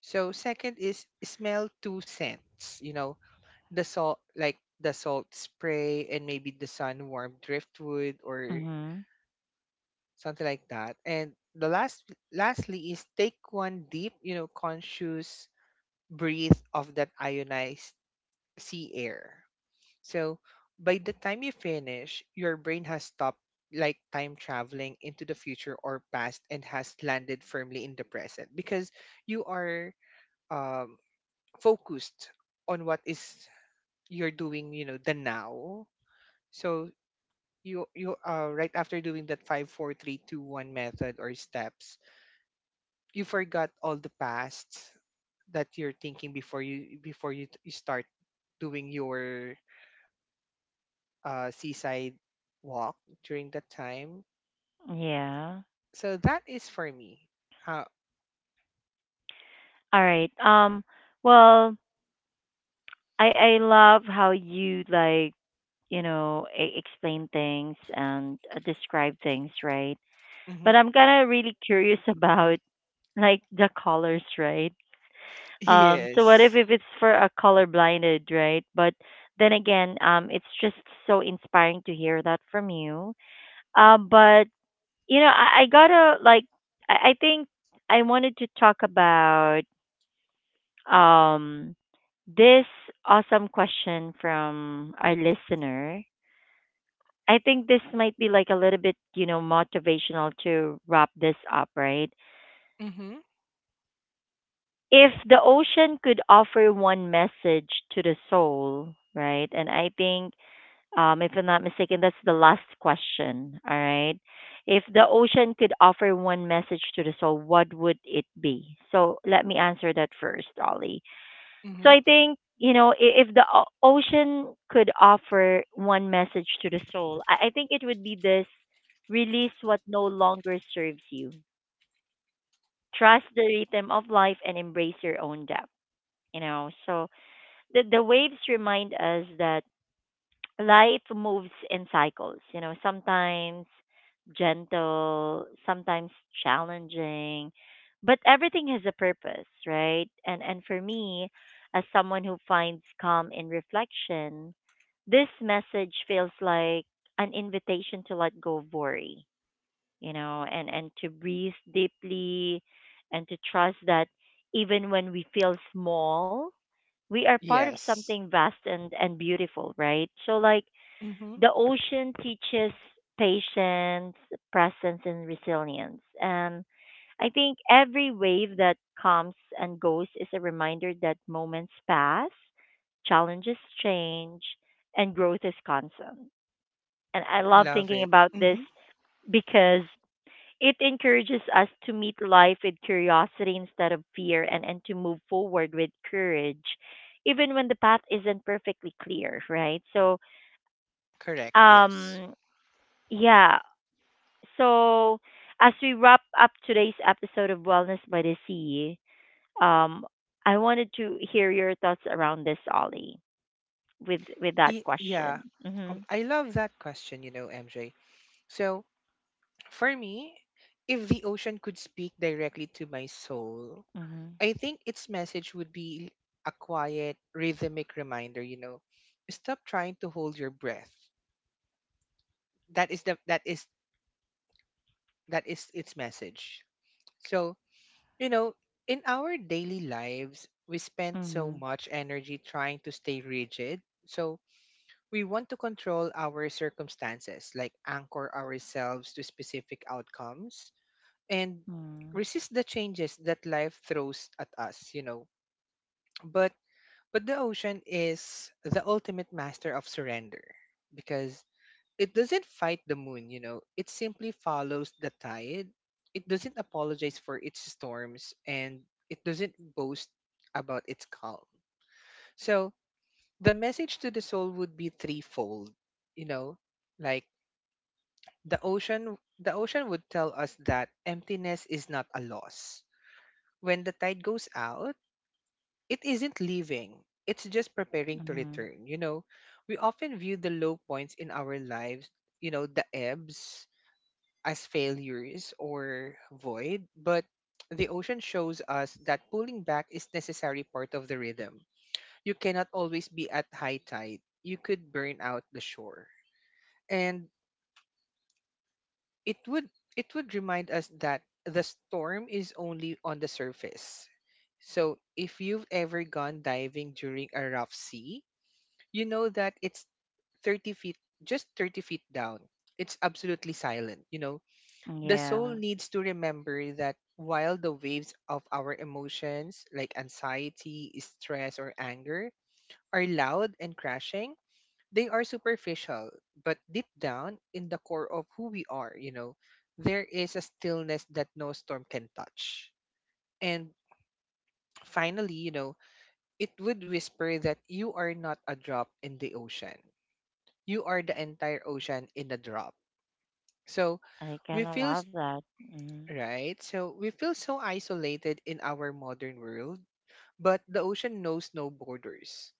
So second is smell two scents, you know, the salt like the salt spray and maybe the sun warm driftwood or Hmm. something like that. And the last lastly is take one deep, you know, conscious breath of that ionized sea air. So by the time you finish, your brain has stopped like time traveling into the future or past and has landed firmly in the present because you are um, focused on what is you're doing, you know, the now. So you you uh, right after doing that five, four, three, two, one method or steps, you forgot all the past that you're thinking before you before you, you start doing your uh, seaside walk during that time. Yeah. So that is for me. Uh, All right. Um well, I I love how you like you know e- explain things and uh, describe things, right? But mm-hmm. I'm kind of really curious about like the colors, right? Um, so what if Yes. if it's for a color blinded, right? But then again, um, it's just so inspiring to hear that from you. Uh, but you know, I, I gotta like, I, I think I wanted to talk about um this awesome question from our listener. I think this might be like a little bit, you know, motivational to wrap this up, right? Mm-hmm. If the ocean could offer one message to the soul, right? And I think, um, if I'm not mistaken, that's the last question, all right? If the ocean could offer one message to the soul, what would it be? So let me answer that first, Ollie. So Mm-hmm. I think, you know, i- if the o- ocean could offer one message to the soul, I I think it would be this: release what no longer serves you. Trust the rhythm of life and embrace your own depth, you know. So the the waves remind us that life moves in cycles, you know, sometimes gentle, sometimes challenging, but everything has a purpose, right? And and for me, as someone who finds calm in reflection, this message feels like an invitation to let go of worry, you know, and and to breathe deeply and to trust that even when we feel small, we are part of Yes. something vast and and beautiful, right? So like Mm-hmm. the ocean teaches patience, presence, and resilience. And I think every wave that comes and goes is a reminder that moments pass, challenges change, and growth is constant. And I I love love thinking it. about this Mm-hmm. because it encourages us to meet life with curiosity instead of fear and, and to move forward with courage, even when the path isn't perfectly clear, right? So, Correct. Yes. um, yeah. So, as we wrap up today's episode of Wellness by the Sea, um, I wanted to hear your thoughts around this, Ollie, with with that Y- yeah. question. Um, Mhm. I love that question, you know, M J. So for me, if the ocean could speak directly to my soul, Mhm. I think its message would be a quiet, rhythmic reminder, you know, stop trying to hold your breath. That is the that is That is its message. So, you know, in our daily lives, we spend so Mhm. much energy trying to stay rigid. So, we want to control our circumstances, like anchor ourselves to specific outcomes and Mhm. resist the changes that life throws at us, you know. But but the ocean is the ultimate master of surrender because it doesn't fight the moon, you know. It simply follows the tide. It doesn't apologize for its storms and it doesn't boast about its calm. So the message to the soul would be threefold, you know, like the ocean the ocean would tell us that emptiness is not a loss. When the tide goes out, it isn't leaving. It's just preparing to Mhm. return, you know. We often view the low points in our lives, you know, the ebbs as failures or void, but the ocean shows us that pulling back is necessary part of the rhythm. You cannot always be at high tide. You could burn out the shore. And it would it would remind us that the storm is only on the surface. So if you've ever gone diving during a rough sea, you know that it's thirty feet, just thirty feet down. It's absolutely silent. You know, the soul Yeah, needs to remember that while the waves of our emotions, like anxiety, stress, or anger, are loud and crashing, they are superficial. But deep down in the core of who we are, you know, there is a stillness that no storm can touch. And finally, you know, it would whisper that you are not a drop in the ocean, you are the entire ocean in a drop. So, I we kind of feel. love that. Mhm. Right? So we feel so isolated in our modern world, but the ocean knows no borders.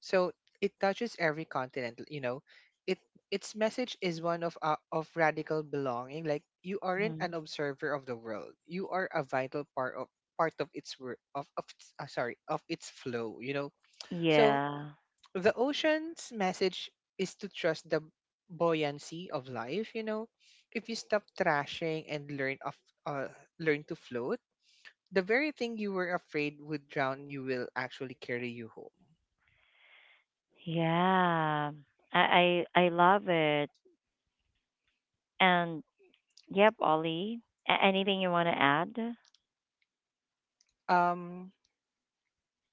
So it touches every continent, you know. It its message is one of uh, of radical belonging, like you aren't an Mhm. observer of the world. You are a vital part of part of its wor- of, of its- uh, sorry, of its flow, you know. So Yeah. the ocean's message is to trust the buoyancy of life, you know, if you stop trashing and learn of uh, learn to float, the very thing you were afraid would drown you will actually carry you home. Yeah. I I I love it. And yep, Ollie. A- anything you want to add? um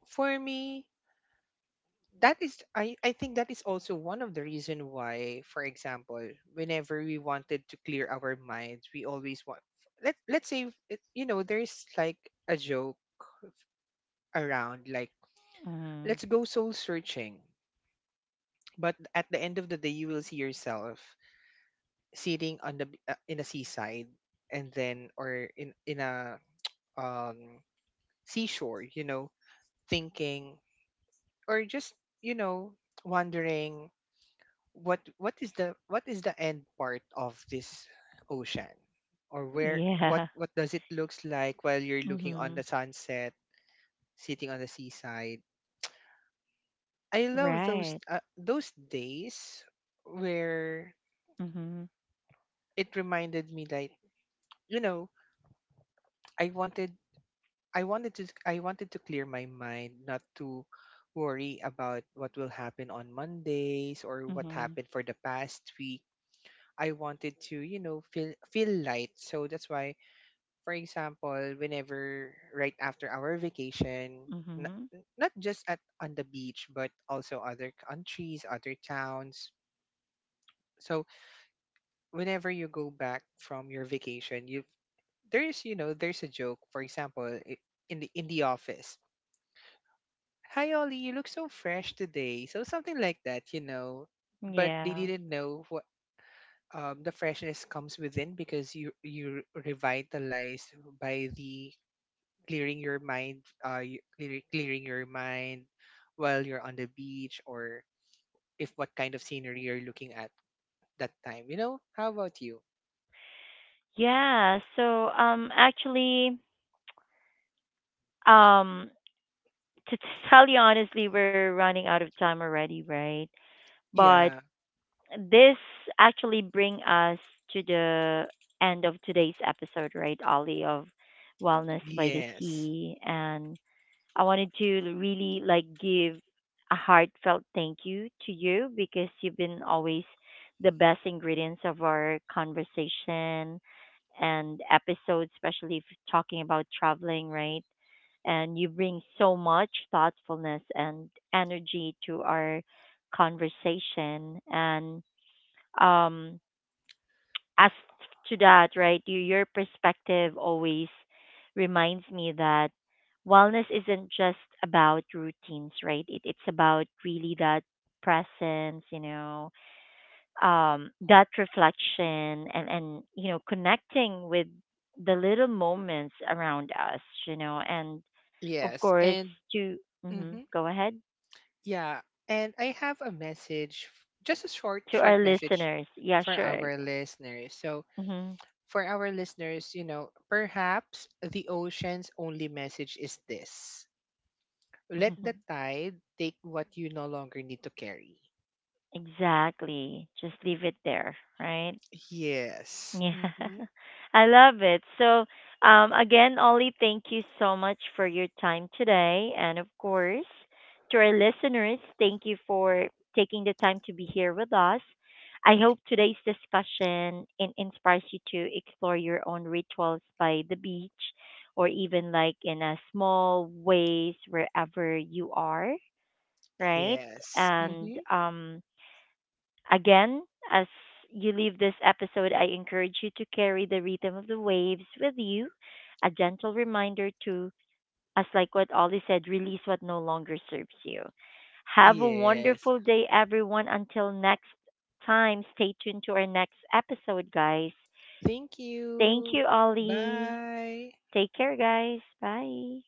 for me, that is i i think that is also one of the reason why, for example, whenever we wanted to clear our minds, we always want, let, let's say it- you know, there's like a joke around like Mhm. let's go soul searching. But at the end of the day, you will see yourself sitting on the b- uh, in a seaside, and then or in in a um seashore, you know, thinking or just you know wondering what what is the what is the end part of this ocean, or where what Yeah. what does it looks like while you're looking on Mhm. the sunset, sitting on the seaside. I love those Right. uh, those days where Mhm. it reminded me that you know I wanted I wanted to I wanted to clear my mind, not to worry about what will happen on Mondays or what Mhm. happened for the past week. I wanted to, you know, feel feel light. So that's why, for example, whenever right after our vacation, Mhm. n- not just at on the beach, but also other countries, other towns. So whenever you go back from your vacation, you there's you know there's a joke. For example, i- in the in the office, hi Ollie, you look so fresh today. So something like that, you know. But they Yeah. didn't know what um, the freshness comes within because you you revitalized by the clearing your mind, uh, you- clear, clearing your mind while you're on the beach or if what kind of scenery you're looking at that time. You know, how about you? Yeah. So, um, actually, um, to t- tell you honestly, we're running out of time already, right? But Yeah. this actually bring us to the end of today's episode, right, Ollie, of Wellness by the Yes. Sea, and I wanted to really like give a heartfelt thank you to you, because you've been always the best ingredients of our conversation and episodes, especially if talking about traveling, right? And you bring so much thoughtfulness and energy to our conversation. And um, as to that, right, you, your perspective always reminds me that wellness isn't just about routines, right? It, it's about really that presence, you know, um, that reflection and, and, you know, connecting with the little moments around us, you know, and of Yes. course And to, mhm, mhm. go ahead. Yeah, and I have a Yeah. message, f- just a short, To short our message listeners. Yeah, for sure. our listeners. So, Hmm. for our listeners, you know, perhaps the ocean's only message is this, let the tide take what you no longer need to carry. Exactly. Just leave it there, right? Yes. Yeah. Mm-hmm. I love it. So, um, again, Ollie, thank you so much for your time today. And of course, to our listeners, thank you for taking the time to be here with us. I hope today's discussion in- inspires you to explore your own rituals by the beach or even like in a small ways wherever you are, right? Yes. And, Mm-hmm. um, again, as you leave this episode, I encourage you to carry the rhythm of the waves with you. A gentle reminder to, as like what Ollie said, release what no longer serves you. Have a Yes. wonderful day, everyone. Until next time, stay tuned to our next episode, guys. Thank Thank you. you, Ollie. Bye. Take care, guys. Bye.